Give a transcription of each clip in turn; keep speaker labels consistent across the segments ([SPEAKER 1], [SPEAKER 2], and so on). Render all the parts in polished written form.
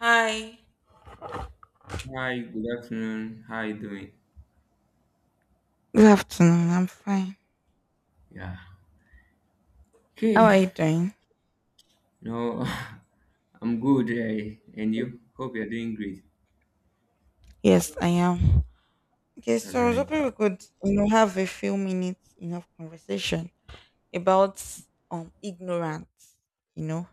[SPEAKER 1] Hi.
[SPEAKER 2] Hi, good afternoon. How you doing?
[SPEAKER 1] Good afternoon. I'm fine.
[SPEAKER 2] Yeah.
[SPEAKER 1] How
[SPEAKER 2] Okay.
[SPEAKER 1] are you doing?
[SPEAKER 2] No, I'm good. And you? Hope you're doing great.
[SPEAKER 1] Yes, I am. Okay,
[SPEAKER 2] That's
[SPEAKER 1] so I was
[SPEAKER 2] right.
[SPEAKER 1] hoping we could, you know, have a few minutes, of conversation about ignorance. You know,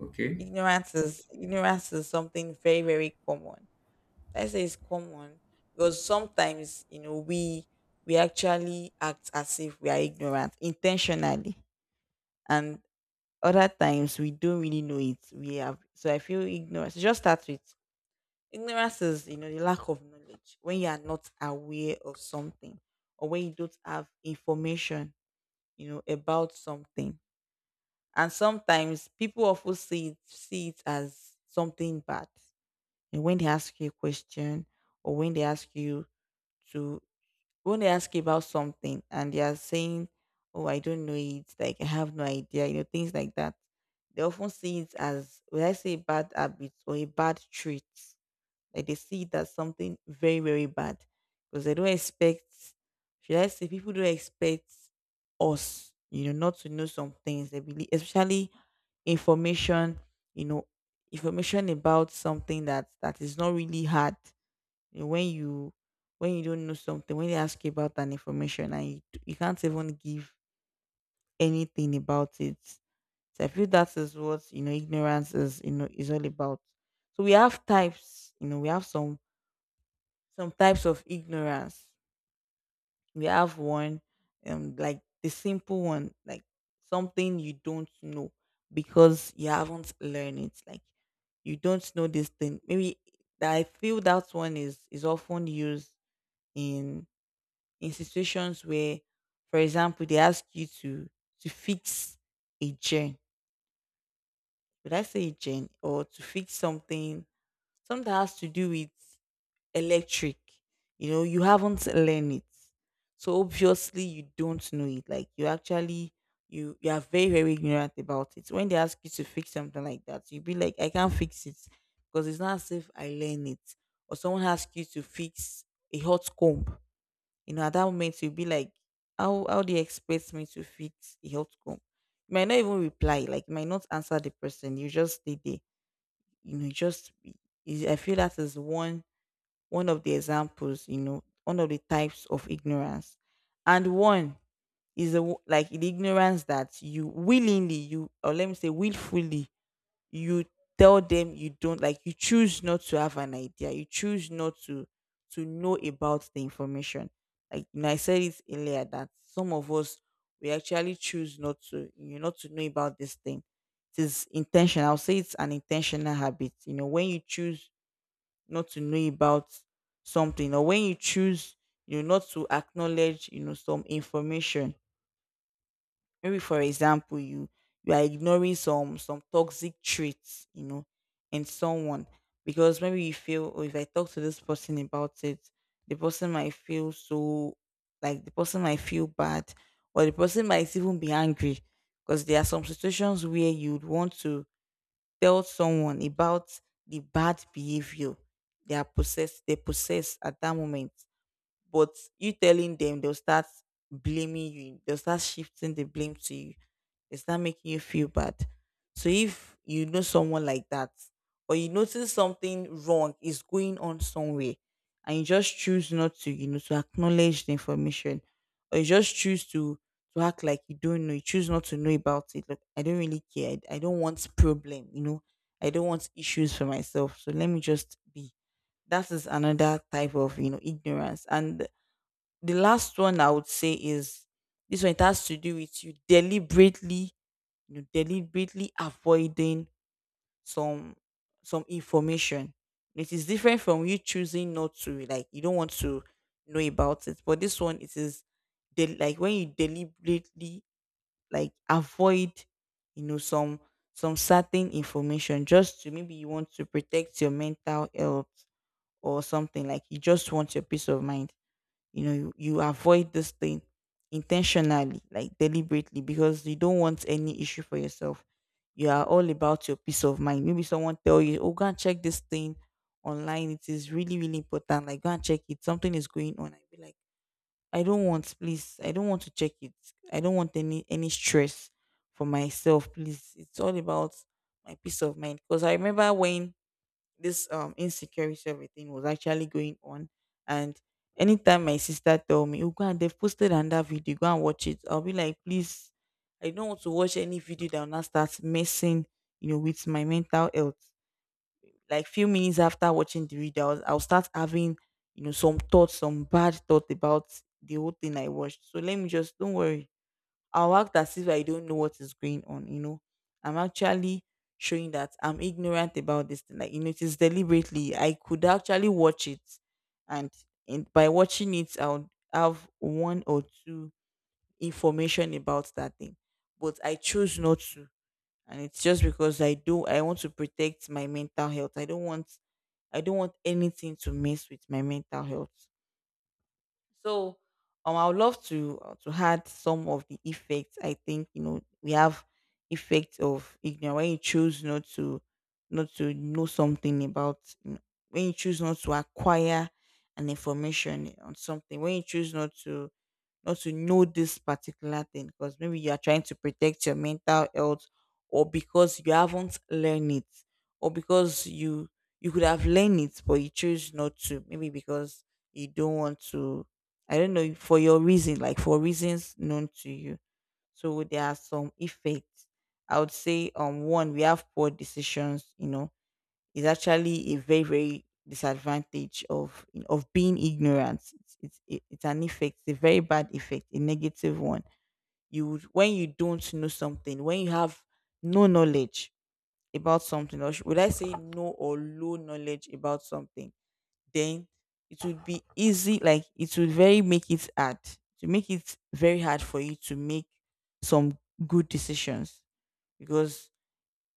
[SPEAKER 2] Okay.
[SPEAKER 1] ignorance is something very very common. I say it's common because sometimes you know we actually act as if we are ignorant intentionally, and other times we don't really know it. We have so I feel ignorance. It just starts with. Ignorance is, you know, the lack of knowledge when you are not aware of something or when you don't have information, you know, about something. And sometimes people often see it as something bad. And when they ask you a question or to, when they ask you about something and they are saying, oh, I don't know it, like I have no idea, you know, things like that. They often see it as, will I say a bad habits or a bad trait, like they see it as something very, very bad. Because they don't expect, should I say, people don't expect us, you know, not to know some things. They believe, especially information, you know, information about something that is not really hard. You know, when you don't know something, when they ask you about an information and you can't even give anything about it. So I feel that is what you know ignorance is you know is all about. So we have types, you know, we have some types of ignorance. We have one, like the simple one, like something you don't know because you haven't learned it. Like you don't know this thing. Maybe that I feel that one is often used in in situations where, for example, they ask you to fix a gen. Would I say a gen, or to fix something? Something that has to do with electric. You know, you haven't learned it. So obviously you don't know it. Like you actually you are very, very ignorant about it. When they ask you to fix something like that, you'll be like, I can't fix it because it's not as if I learn it. Or someone asks you to fix a hot comb. You know, at that moment you'll be like, how do you expect me to fix a hot comb? You might not even reply, like you might not answer the person. You just stay there. You know, you just I feel that is one of the examples, you know, one of the types of ignorance. And one is like the ignorance that you willingly, you, or let me say willfully, you tell them you don't, like, you choose not to have an idea. You choose not to, to know about the information. Like, you know, I said it earlier that some of us, we actually choose not to, you know, not to know about this thing. It is intentional. I'll say it's an intentional habit. You know, when you choose not to know about something, or when you choose you know not to acknowledge you know some information. Maybe for example you are ignoring some toxic traits you know in someone, because maybe you feel, oh, if I talk to this person about it, the person might feel so, like the person might feel bad, or the person might even be angry. Because there are some situations where you'd want to tell someone about the bad behavior they possess at that moment. But you telling them, they'll start blaming you, they'll start shifting the blame to you. It's not making you feel bad. So if you know someone like that, or you notice something wrong is going on somewhere, and you just choose not to, you know, to acknowledge the information, or you just choose to act like you don't know, you choose not to know about it. Look, I don't really care. I don't want problem, you know. I don't want issues for myself. So let me just be. That is another type of, you know, ignorance. And the last one I would say is, this one it has to do with you deliberately, you know, deliberately avoiding some some information. It is different from you choosing not to, like you don't want to know about it. But this one, it is like when you deliberately like avoid, you know, some certain information, just to, maybe you want to protect your mental health or something, like you just want your peace of mind. You know you, you avoid this thing intentionally, like deliberately, because you don't want any issue for yourself. You are all about your peace of mind. Maybe someone tell you, oh, go and check this thing online, it is really really important, like go and check it, something is going on. I be like, I don't want, please, I don't want to check it, I don't want any stress for myself, please. It's all about my peace of mind. Because I remember when this insecurity everything was actually going on, and anytime my sister tell me, oh, go and they've posted another video, go and watch it, I'll be like, please, I don't want to watch any video that will not start messing you know with my mental health. Like few minutes after watching the video I'll start having you know some thoughts, some bad thoughts about the whole thing I watched. So let me just, don't worry, I'll act as if I don't know what is going on, you know. I'm actually showing that I'm ignorant about this thing. Like, you know, it is deliberately. I could actually watch it, and by watching it I'll have one or two information about that thing. But I chose not to. And it's just because I want to protect my mental health. I don't want anything to mess with my mental health. So I would love to add some of the effects. I think you know we have effects of ignorance when you choose not to know something about you know, when you choose not to acquire an information on something, when you choose not to know this particular thing, because maybe you are trying to protect your mental health, or because you haven't learned it, or because you could have learned it but you choose not to, maybe because you don't want to, I don't know, for your reason, like for reasons known to you. So there are some effects. I would say, one, we have poor decisions. You know, is actually a very very disadvantage of being ignorant. It's an effect, it's a very bad effect, a negative one. You would- when you don't know something, when you have no knowledge about something, or would I say no or low knowledge about something? Then it would be easy, like it would very make it hard to make it very hard for you to make some good decisions. Because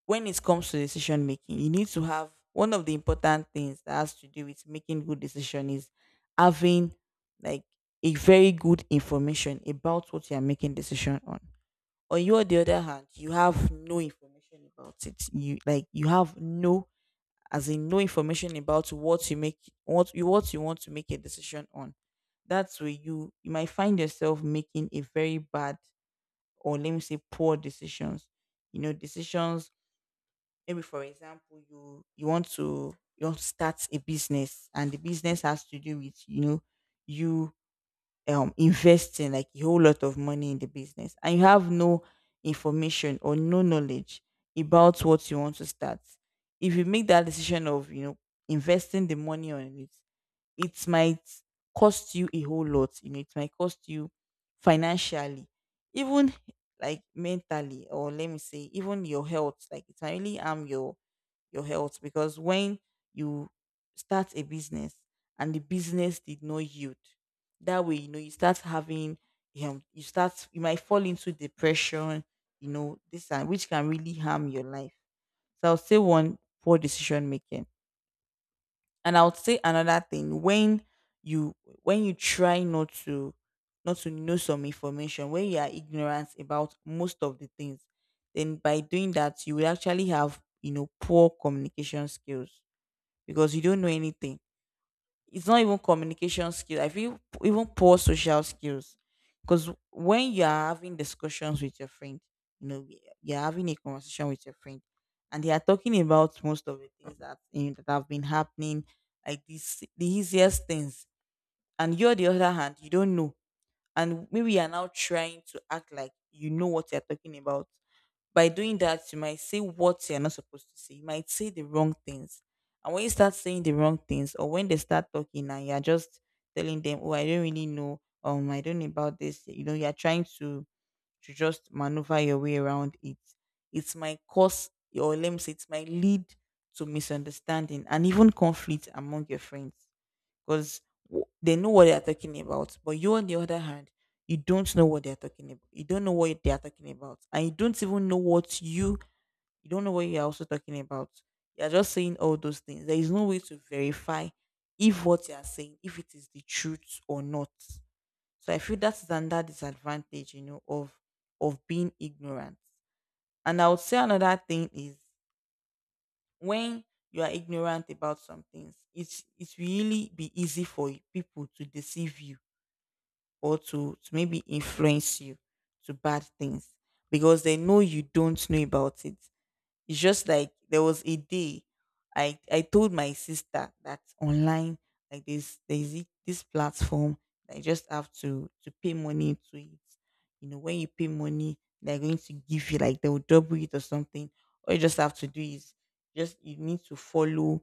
[SPEAKER 1] when it comes to decision making, you need to have, one of the important things that has to do with making good decision is having, like, a very good information about what you are making decision on. On you the other hand, you have no information about it, you, like you have no, as in no information about what you want to make a decision on. That's where you might find yourself making a very bad, or let me say, poor decisions, you know, decisions. Maybe for example you you want to start a business, and the business has to do with you know, you, investing like a whole lot of money in the business, and you have no information or no knowledge about what you want to start. If you make that decision of you know investing the money on it, it might cost you a whole lot. You know, it might cost you financially, even like mentally, or let me say, even your health. Like it might really harm your health. Because when you start a business and the business did not yield, that way you know you start having, you start, you might fall into depression. You know this, and which can really harm your life. So I'll say one, poor decision making. And I would say another thing, when you try not to know some information, when you are ignorant about most of the things, then by doing that you will actually have you know poor communication skills, because you don't know anything. It's not even communication skills. I feel even poor social skills. Because when you are having discussions with your friend, you know, you're having a conversation with your friend, and they are talking about most of the things that you know, that have been happening, like this, the easiest things. And you're the other hand, you don't know. And maybe you are now trying to act like you know what you're talking about. By doing that, you might say what you're not supposed to say. You might say the wrong things. And when you start saying the wrong things, or when they start talking and you're just telling them, "Oh, I don't really know, I don't know about this, you know, you're trying to just maneuver your way around it." It's my cause, or let me say, it's my lead to misunderstanding and even conflict among your friends, because they know what they are talking about. But you, on the other hand, you don't know what they are talking about. You don't know what they are talking about, and you don't even know what you don't know what you are also talking about. You are just saying all those things. There is no way to verify if what you are saying, if it is the truth or not. So I feel that's another disadvantage, you know, of being ignorant. And I would say another thing is when you are ignorant about some things, it's really be easy for people to deceive you or to, maybe influence you to bad things because they know you don't know about it. It's just like there was a day I told my sister that online like this there's this platform that you just have to pay money to it. You know, when you pay money, they're going to give you like they'll double it or something. All you just have to do is just you need to follow,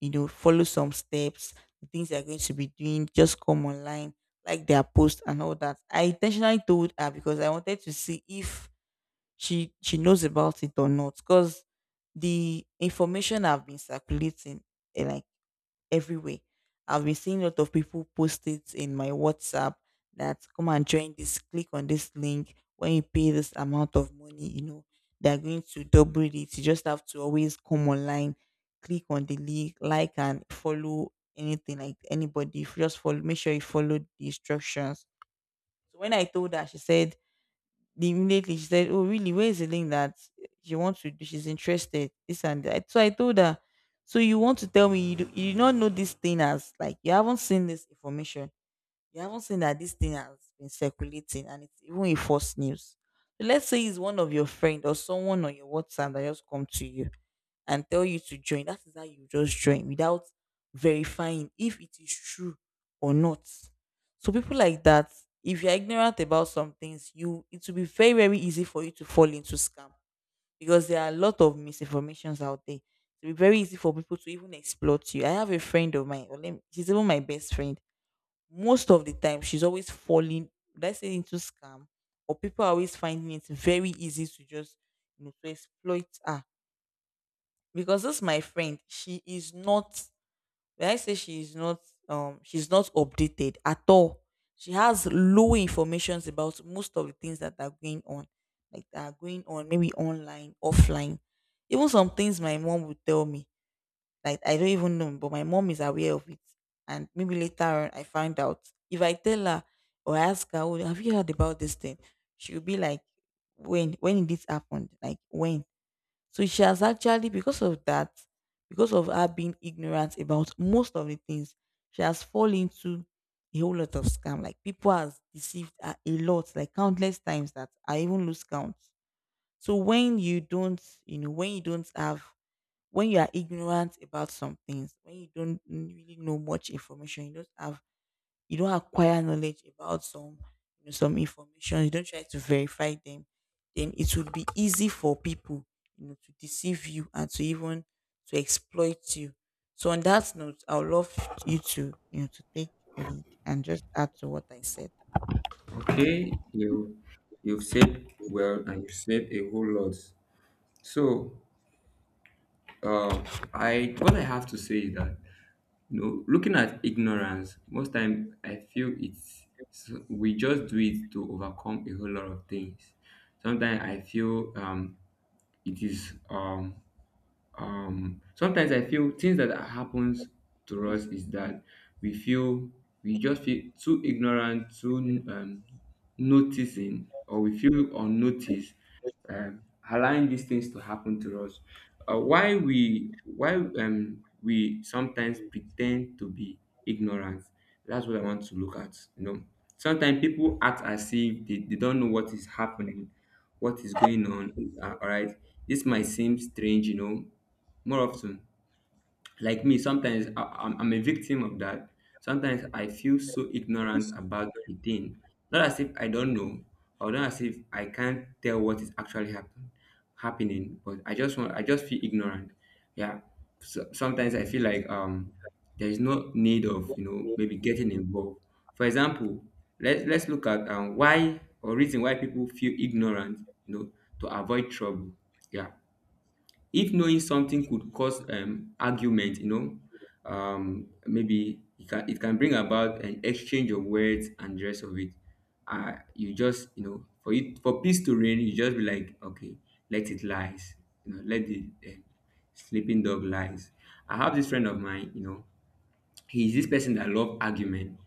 [SPEAKER 1] you know, follow some steps, the things they're going to be doing, just come online, like their post and all that. I intentionally told her because I wanted to see if she knows about it or not, because the information I've been circulating, like everywhere, I've been seeing a lot of people post it in my WhatsApp, that come and join, this, click on this link, when you pay this amount of money, you know, they're going to double it, you just have to always come online, click on the link, like, and follow anything, like anybody. If you just follow, make sure you follow the instructions. So when I told her, she said, the immediately she said, "Oh, really? Where is the link that" she wants to do? She's interested. This and that. So I told her, "So you want to tell me you do not know this thing as like you haven't seen this information? You haven't seen that this thing has been circulating and it's even a false news. So let's say it's one of your friend or someone on your WhatsApp that just come to you and tell you to join, that is how you just join without verifying if it is true or not." So people like that, if you're ignorant about some things, you it will be very, very easy for you to fall into scam because there are a lot of misinformations out there. It will be very easy for people to even exploit you. I have a friend of mine, or she's even my best friend. Most of the time, she's always falling, let's say, into scam, or people are always finding it very easy to just, you know, to exploit her because this my friend she is not, when I say she is not, she's not updated at all. She has low informations about most of the things that are going on, like that are going on, maybe online, offline. Even some things my mom would tell me, like I don't even know, but my mom is aware of it, and maybe later on I find out. If I tell her or ask her, "Oh, have you heard about this thing?" she'll be like, "When, did this happen? Like, when?" So she has actually, because of that, because of her being ignorant about most of the things, she has fallen into a whole lot of scam. Like people has deceived her a lot, like countless times that I even lose count. So when you don't, you know, when you don't have, when you are ignorant about some things, when you don't really know much information, you don't have, you don't acquire knowledge about some, you know, some information, you don't try to verify them, then it would be easy for people, you know, to deceive you and to even to exploit you. So on that note, I would love you to you know to take lead and just add to what I said.
[SPEAKER 2] Okay. You've said well, and you've said a whole lot. So, uh, I what I have to say is that, you know, looking at ignorance, most time I feel it's so we just do it to overcome a whole lot of things. Sometimes I feel it is sometimes I feel things that happens to us is that we feel we just feel too ignorant, too um noticing, or we feel unnoticed, um allowing these things to happen to us. Why we sometimes pretend to be ignorant, that's what I want to look at, you know. Sometimes people act as if they don't know what is happening, what is going on. All right, this might seem strange, you know, more often. Like me, sometimes I'm a victim of that. Sometimes I feel so ignorant about a thing. Not as if I don't know, or not as if I can't tell what is actually happening. But I just feel ignorant. Yeah. So, sometimes I feel like there is no need of, you know, maybe getting involved. For example, let's look at, why or reason why people feel ignorant, you know, to avoid trouble. Yeah, if knowing something could cause argument, you know, maybe it can bring about an exchange of words and the rest of it. You just, you know, for it for peace to reign, you just be like, okay, let it lies. You know, let the sleeping dog lies. I have this friend of mine, you know, he's this person that love argument.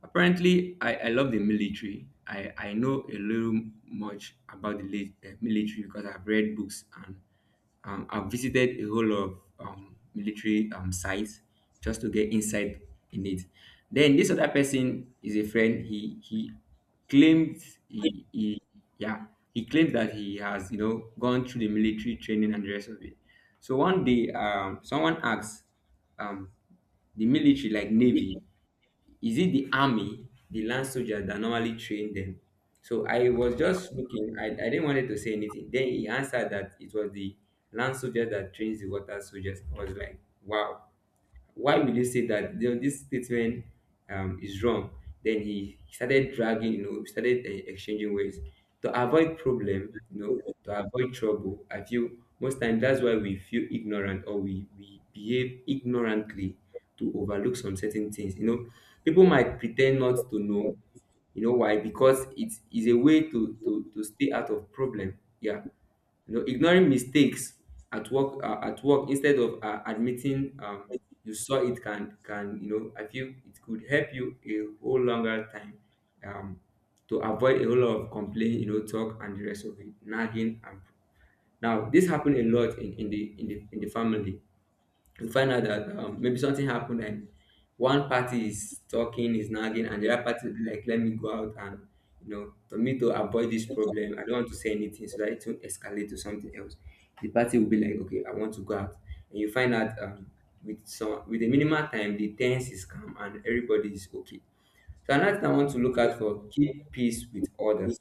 [SPEAKER 2] Apparently, I love the military. I know a little much about the military because I've read books and, I've visited a whole lot of military sites just to get insight in it. Then this other person is a friend. He claimed, he, he yeah he claimed that he has, you know, gone through the military training and the rest of it. So one day, someone asked, um, the military, like, navy, is it the army, the land soldiers that normally train them? So I was
[SPEAKER 1] Okay.
[SPEAKER 2] just looking, I didn't wanted to say anything. Then he answered that it was the land soldier that trains the water soldiers. I was like, wow, why will you say that? You know, this statement, is wrong. Then he started dragging, you know, started, exchanging words. To avoid problem, you know, to avoid trouble, I feel most times that's why we feel ignorant, we behave ignorantly, to overlook some certain things, you know. People might pretend not to know, you know why? Because it is a way to stay out of problem. Yeah, you know, ignoring mistakes at work, at work, instead of, admitting, you saw it can, you know, I feel it could help you a whole longer time, um, to avoid a whole lot of complaint, you know, talk and the rest of it, nagging. And now this happened a lot in the in the family. You find out that, maybe something happened, and one party is talking, is nagging, and the other party will be like, let me go out, and, you know, for me to avoid this problem, I don't want to say anything so that it won't escalate to something else. The party will be like, okay, I want to go out. And you find out, with some with a minimal time, the tense is calm and everybody is okay. So another thing I want to look out for, keep peace with others.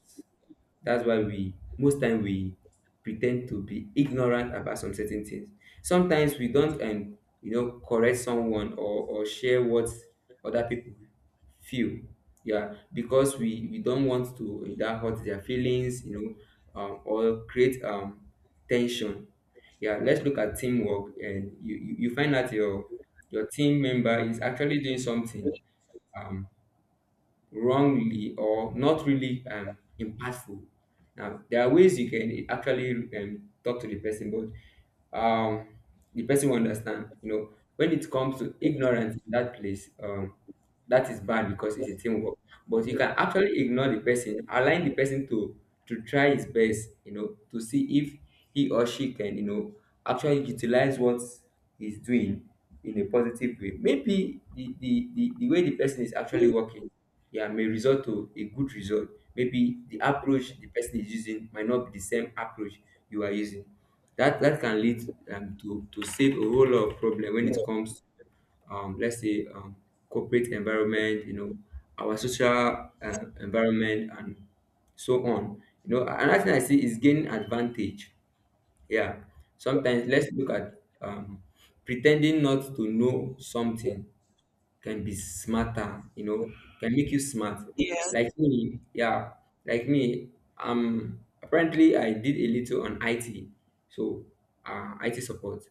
[SPEAKER 2] That's why we most time we pretend to be ignorant about some certain things. Sometimes we don't, you know, correct someone, or share what other people feel. Yeah, because we don't want to that hurt their feelings, you know, or create tension. Yeah, let's look at teamwork, and you find out your team member is actually doing something. Um, Wrongly, or not really impactful. Now, there are ways you can actually, talk to the person, but, the person will understand. You know, when it comes to ignorance in that place, that is bad because it's a teamwork. But you can actually ignore the person, align the person to try his best. You know, to see if he or she can, you know, actually utilize what is doing in a positive way. Maybe the way the person is actually working, yeah, may result to a good result. Maybe the approach the person is using might not be the same approach you are using. That can lead, to save a whole lot of problem when it comes, um, let's say, um, corporate environment, you know, our social, environment and so on. You know, another thing I see is gaining advantage. Yeah, sometimes let's look at, um, pretending not to know something can be smarter, you know, can make you smart.
[SPEAKER 1] Yes.
[SPEAKER 2] Like me, yeah, like me, apparently I did a little on IT, so, IT support,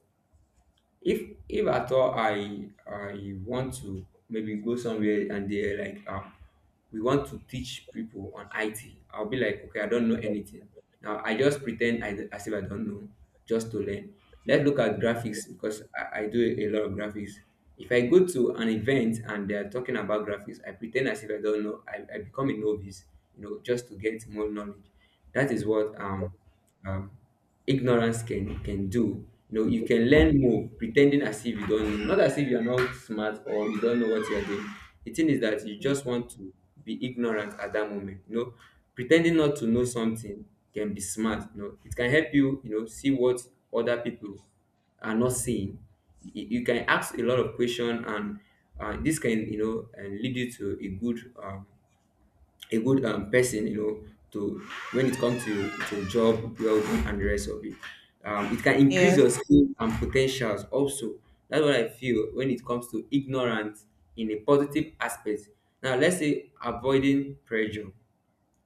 [SPEAKER 2] if, at all I want to maybe go somewhere and they're like, we want to teach people on it, I'll be like, okay, I don't know anything. Now I just pretend I as if I don't know, just to learn. Let's look at graphics, because I do a lot of graphics. If I go to an event and they're talking about graphics, I pretend as if I don't know, I become a novice, you know, just to get more knowledge. That is what um ignorance can do. You know, you can learn more pretending as if you don't know, not as if you are not smart or you don't know what you are doing. The thing is that you
[SPEAKER 1] Yeah.
[SPEAKER 2] just want to be ignorant at that moment. You know, pretending not to know something can be smart. You know, it can help you. You know, see what other people are not seeing. You can ask a lot of questions, and, this can, you know, and lead you to a good, person, you know, to when it comes to job, well being and the rest of it. It can increase
[SPEAKER 1] Yes.
[SPEAKER 2] your skill and potentials also. That's what I feel when it comes to ignorance in a positive aspect. Now let's say avoiding pressure.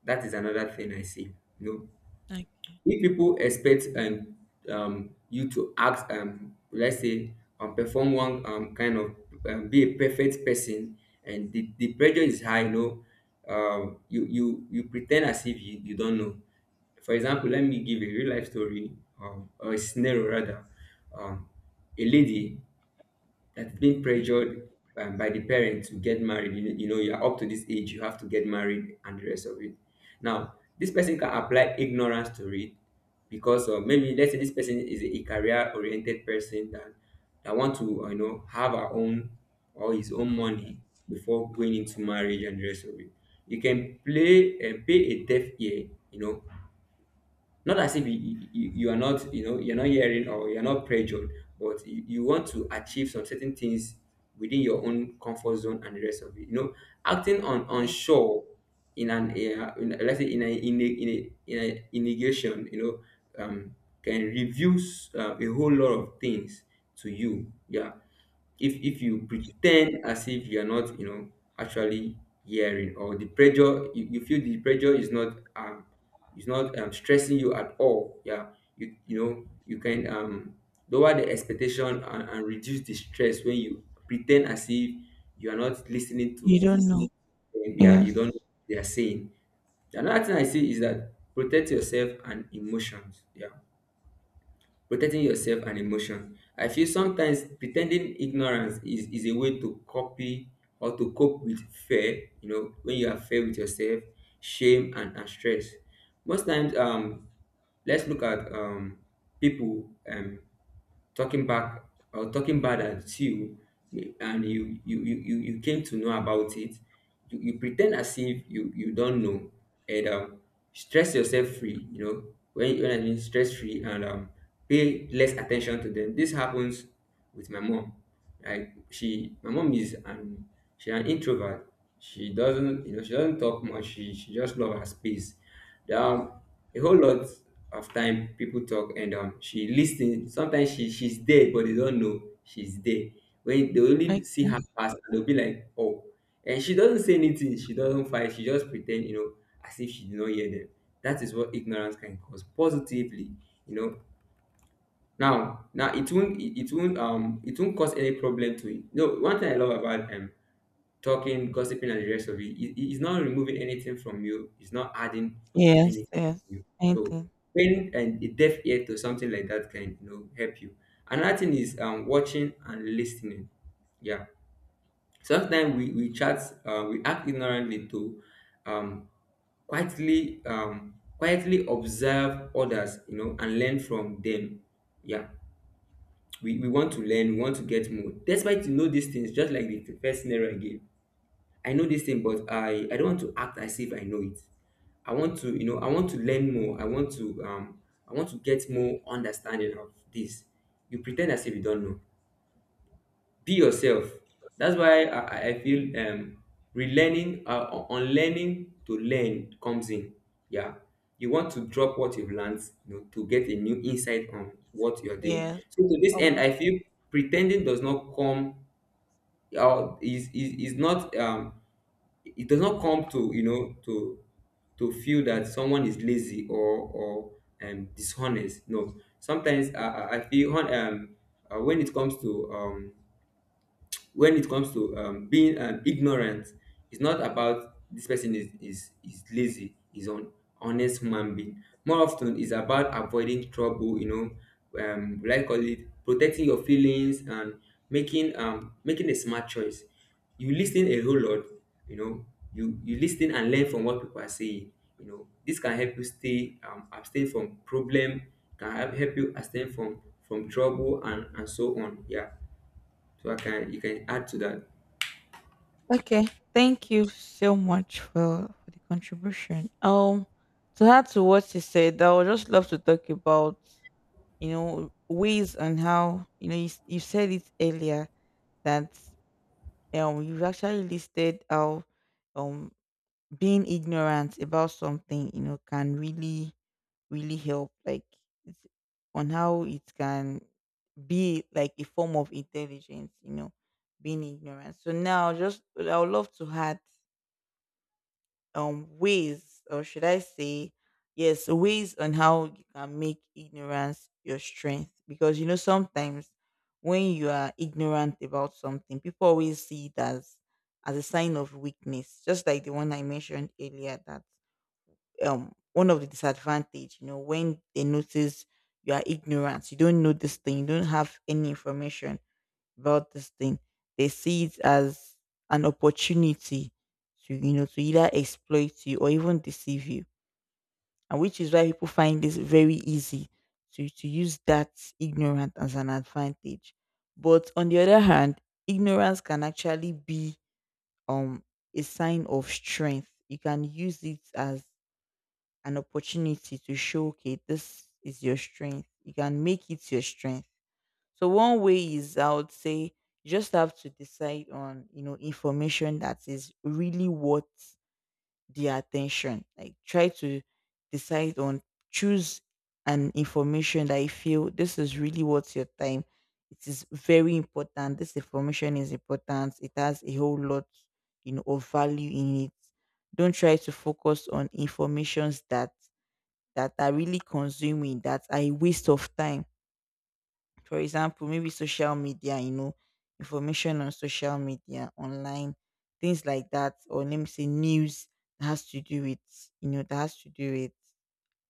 [SPEAKER 2] That is another thing I see. You know,
[SPEAKER 1] Okay.
[SPEAKER 2] if people expect, you to act, let's say, perform one, kind of, be a perfect person, and the pressure is high, you know, you pretend as if you don't know. For example, let me give a real life story, or a scenario rather. um, a lady that's being
[SPEAKER 1] Okay.
[SPEAKER 2] pressured, by the parent to get married. You know, you're up to this age, you have to get married, and the rest of it. Now, this person can apply ignorance to it because of, maybe let's say this person is a career-oriented person that want to, you know, have her own or his own money before going into marriage and the rest of it. You can play and pay a deaf ear, you know, not as if you are not, you know, you're not hearing or you're not pressured, but you want to achieve some certain things within your own comfort zone and the rest of it. You know, acting on
[SPEAKER 1] Yes.
[SPEAKER 2] unsure in an let's say in negation, you know, can reveal, a whole lot of things to you. Yeah, if you pretend as if you are not, you know, actually hearing, or the pressure you feel the pressure is not stressing you at all. Yeah, you know, you can, lower the expectation, and reduce the stress when you pretend as if you are not listening to
[SPEAKER 1] You don't know.
[SPEAKER 2] them. Yeah, you don't know
[SPEAKER 1] Yes.
[SPEAKER 2] what they are saying. Another thing I see is that protect yourself and emotions. Yeah, protecting yourself and emotion. I feel sometimes pretending ignorance is a way to copy or to cope with fear, you know, when you are fair with yourself, shame and stress. Most times, let's look at, people. Talking back or talking bad at you, and you came to know about it. You pretend as if you you don't know, and, stress yourself free. You know, when I mean stress free, and, pay less attention to them. This happens with my mom. Like my mom is an, she an introvert. She doesn't, you know, she doesn't talk much. She just love her space. There are a whole lot of time people talk, and she listen. Sometimes she's there, but they don't know she's there. When they only
[SPEAKER 1] Okay.
[SPEAKER 2] see her pass, and they'll be like, oh. And she doesn't say anything. She doesn't fight. She just pretend, you know, as if she did not hear them. That is what ignorance can cause positively. You know, now it won't, it won't, it won't cause any problem to it. No, one thing I love about, talking gossiping and the rest of it, it's not removing anything from you, it's not adding
[SPEAKER 1] Yes.
[SPEAKER 2] anything
[SPEAKER 1] Yes.
[SPEAKER 2] to you. So
[SPEAKER 1] Anything.
[SPEAKER 2] paying and a deaf ear to something like that can, you know, help you. Another thing is, watching and listening. Yeah, sometimes we chat, we act ignorantly to, um quietly um quietly observe others, you know, and learn from them. Yeah, we want to learn, we want to get more. Despite, you know, these things, just like the first scenario again. I know this thing, but I don't want to act as if I know it. I want to, you know, I want to learn more. I want to, I want to get more understanding of this. You pretend as if you don't know, be yourself. That's why I feel, relearning, or unlearning to learn comes in. Yeah, you want to drop what you've learned, you know, to get a new insight on what you're doing.
[SPEAKER 1] Yes.
[SPEAKER 2] So to this end
[SPEAKER 1] Of.
[SPEAKER 2] I feel pretending does not come or is not, it does not come to, you know, to feel that someone is lazy or dishonest. No, sometimes I feel when it comes to when it comes to, being, ignorant, it's not about this person is lazy, is on honest human being. More often it's about avoiding trouble, you know, like, call it protecting your feelings and making, making a smart choice. You listen a whole lot, you know, you listen and learn from what people are saying. You know, this can help you stay, abstain from problem, can help you abstain from trouble and so on. Yeah, so I can you can add to that.
[SPEAKER 1] Okay, thank you so much for the contribution. To add to what you said, I would just love to talk about, you know, ways and how, you know, you, you said it earlier that, you've actually listed how, um being ignorant about something, you know, can really really help, like, it's on how it can be like a form of intelligence, you know, being ignorant. So now, just I would love to add ways, or should I say, yes, ways on how you can make ignorance your strength. Because, you know, sometimes when you are ignorant about something, people always see it as a sign of weakness, just like the one I mentioned earlier, that one of the disadvantage, you know, when they notice you are ignorant, you don't know this thing, you don't have any information about this thing. They see it as an opportunity to, you know, to either exploit you or even deceive you. And which is why people find this very easy to use that ignorance as an advantage. But on the other hand, ignorance can actually be um a sign of strength. You can use it as an opportunity to show, okay, this is your strength. You can make it your strength. So one way is, I would say, you just have to decide on, you know, information that is really worth the attention. Like, try to decide on, choose an information that you feel this is really worth your time. It is very important. This information is important. It has a whole lot, you know, of value in it. Don't try to focus on informations that that are really consuming, that are a waste of time. For example, maybe social media, you know, information on social media, online, things like that, or let me say news that has to do with, you know, that has to do with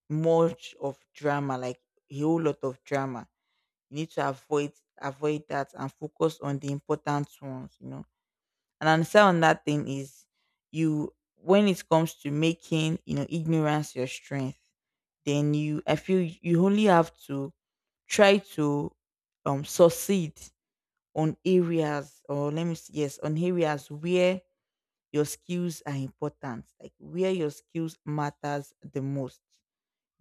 [SPEAKER 1] much of drama, like a whole lot of drama. You need to avoid that and focus on the important ones, you know. And another on that thing is, you when it comes to making, you know, ignorance your strength, then you, I feel you only have to try to succeed on areas, or let me see, yes, on areas where your skills are important, like where your skills matters the most.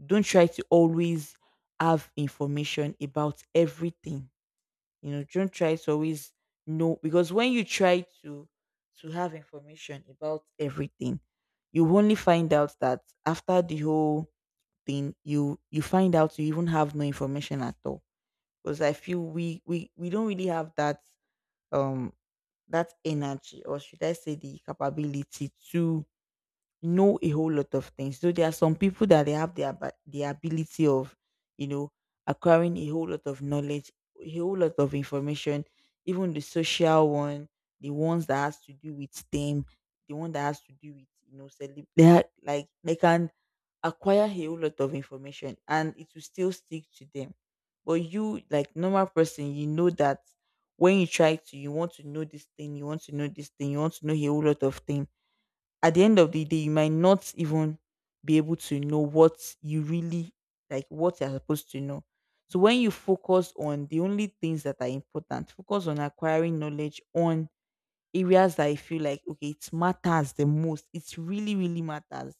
[SPEAKER 1] Don't try to always have information about everything. You know, don't try to always know, because when you try to have information about everything, you only find out that after the whole thing, you find out you even have no information at all. Because I feel we don't really have that um that energy, or should I say, the capability to know a whole lot of things. So there are some people that they have the ability of, you know, acquiring a whole lot of knowledge, a whole lot of information, even the social one, the ones that has to do with STEM, the one that has to do with, you know, they are, like, they can acquire a whole lot of information and it will still stick to them. But you, like normal person, you know that when you try to, you want to know this thing, you want to know this thing, you want to know a whole lot of thing. At the end of the day, you might not even be able to know what you really, like, what you're supposed to know. So when you focus on the only things that are important, focus on acquiring knowledge on areas that, I feel like, okay, it matters the most. It really, really matters.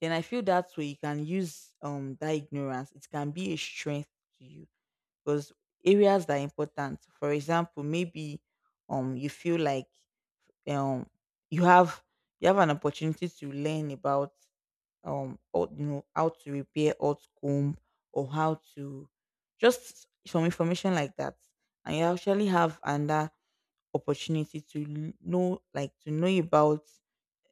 [SPEAKER 1] Then I feel that way you can use that ignorance. It can be a strength to you, because areas that are important. For example, maybe you feel like um you have, you have an opportunity to learn about or, you know, how to repair old comb, or how to, just some information like that, and you actually have another opportunity to know, like to know about,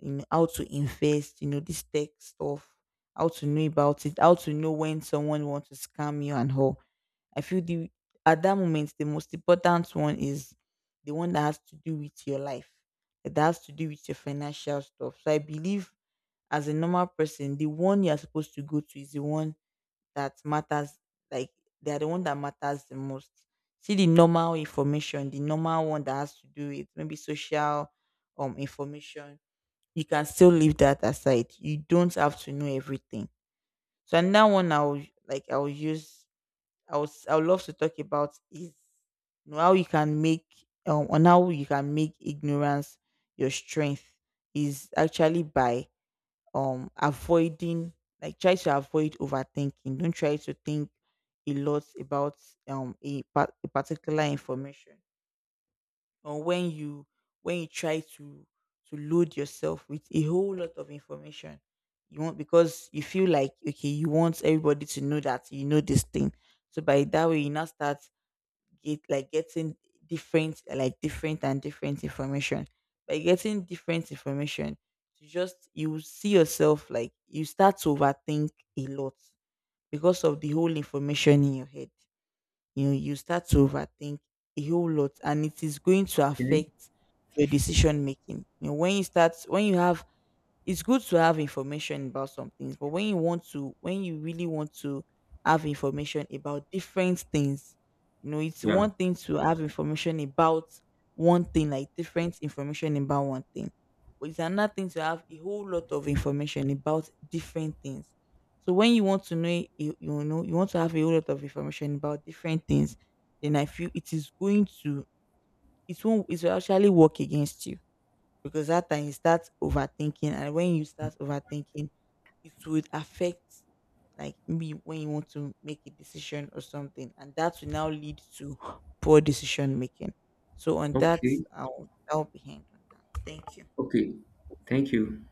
[SPEAKER 1] you know, how to invest, you know, this tech stuff, how to know about it, how to know when someone wants to scam you, and how. I feel the at that moment the most important one is the one that has to do with your life, that has to do with your financial stuff. So I believe as a normal person, the one you're supposed to go to is the one that matters, like, they are the one that matters the most. See, the normal information, the normal one that has to do with maybe social information, you can still leave that aside, you don't have to know everything. So another one I'll like I'll use, I would, I would love to talk about is, you know, how you can make on how you can make ignorance your strength is actually by avoiding, like, try to avoid overthinking. Don't try to think a lot about a particular information. Or when you, when you try to load yourself with a whole lot of information, you want, because you feel like, okay, you want everybody to know that you know this thing, so by that way you now start get, like, getting different, like different and different information. By getting different information, you just, you see yourself like you start to overthink a lot because of the whole information in your head, you know, you start to overthink a whole lot, and it is going to
[SPEAKER 2] Okay.
[SPEAKER 1] affect your decision making. You know, when you start, when you have, it's good to have information about some things, but when you want to, when you really want to have information about different things, you know, it's
[SPEAKER 2] Yeah.
[SPEAKER 1] one thing to have information about one thing, like different information about one thing, but it's another thing to have a whole lot of information about different things. So when you want to know, you know, you want to have a whole lot of information about different things, then I feel it is going to, it won't, it will actually work against you because that time you start overthinking, and when you start overthinking it would affect, like me, when you want to make a decision or something, and that will now lead to poor decision making. So on that,
[SPEAKER 2] Okay.
[SPEAKER 1] I'll be hanged on that. Thank you.
[SPEAKER 2] Okay. Thank you.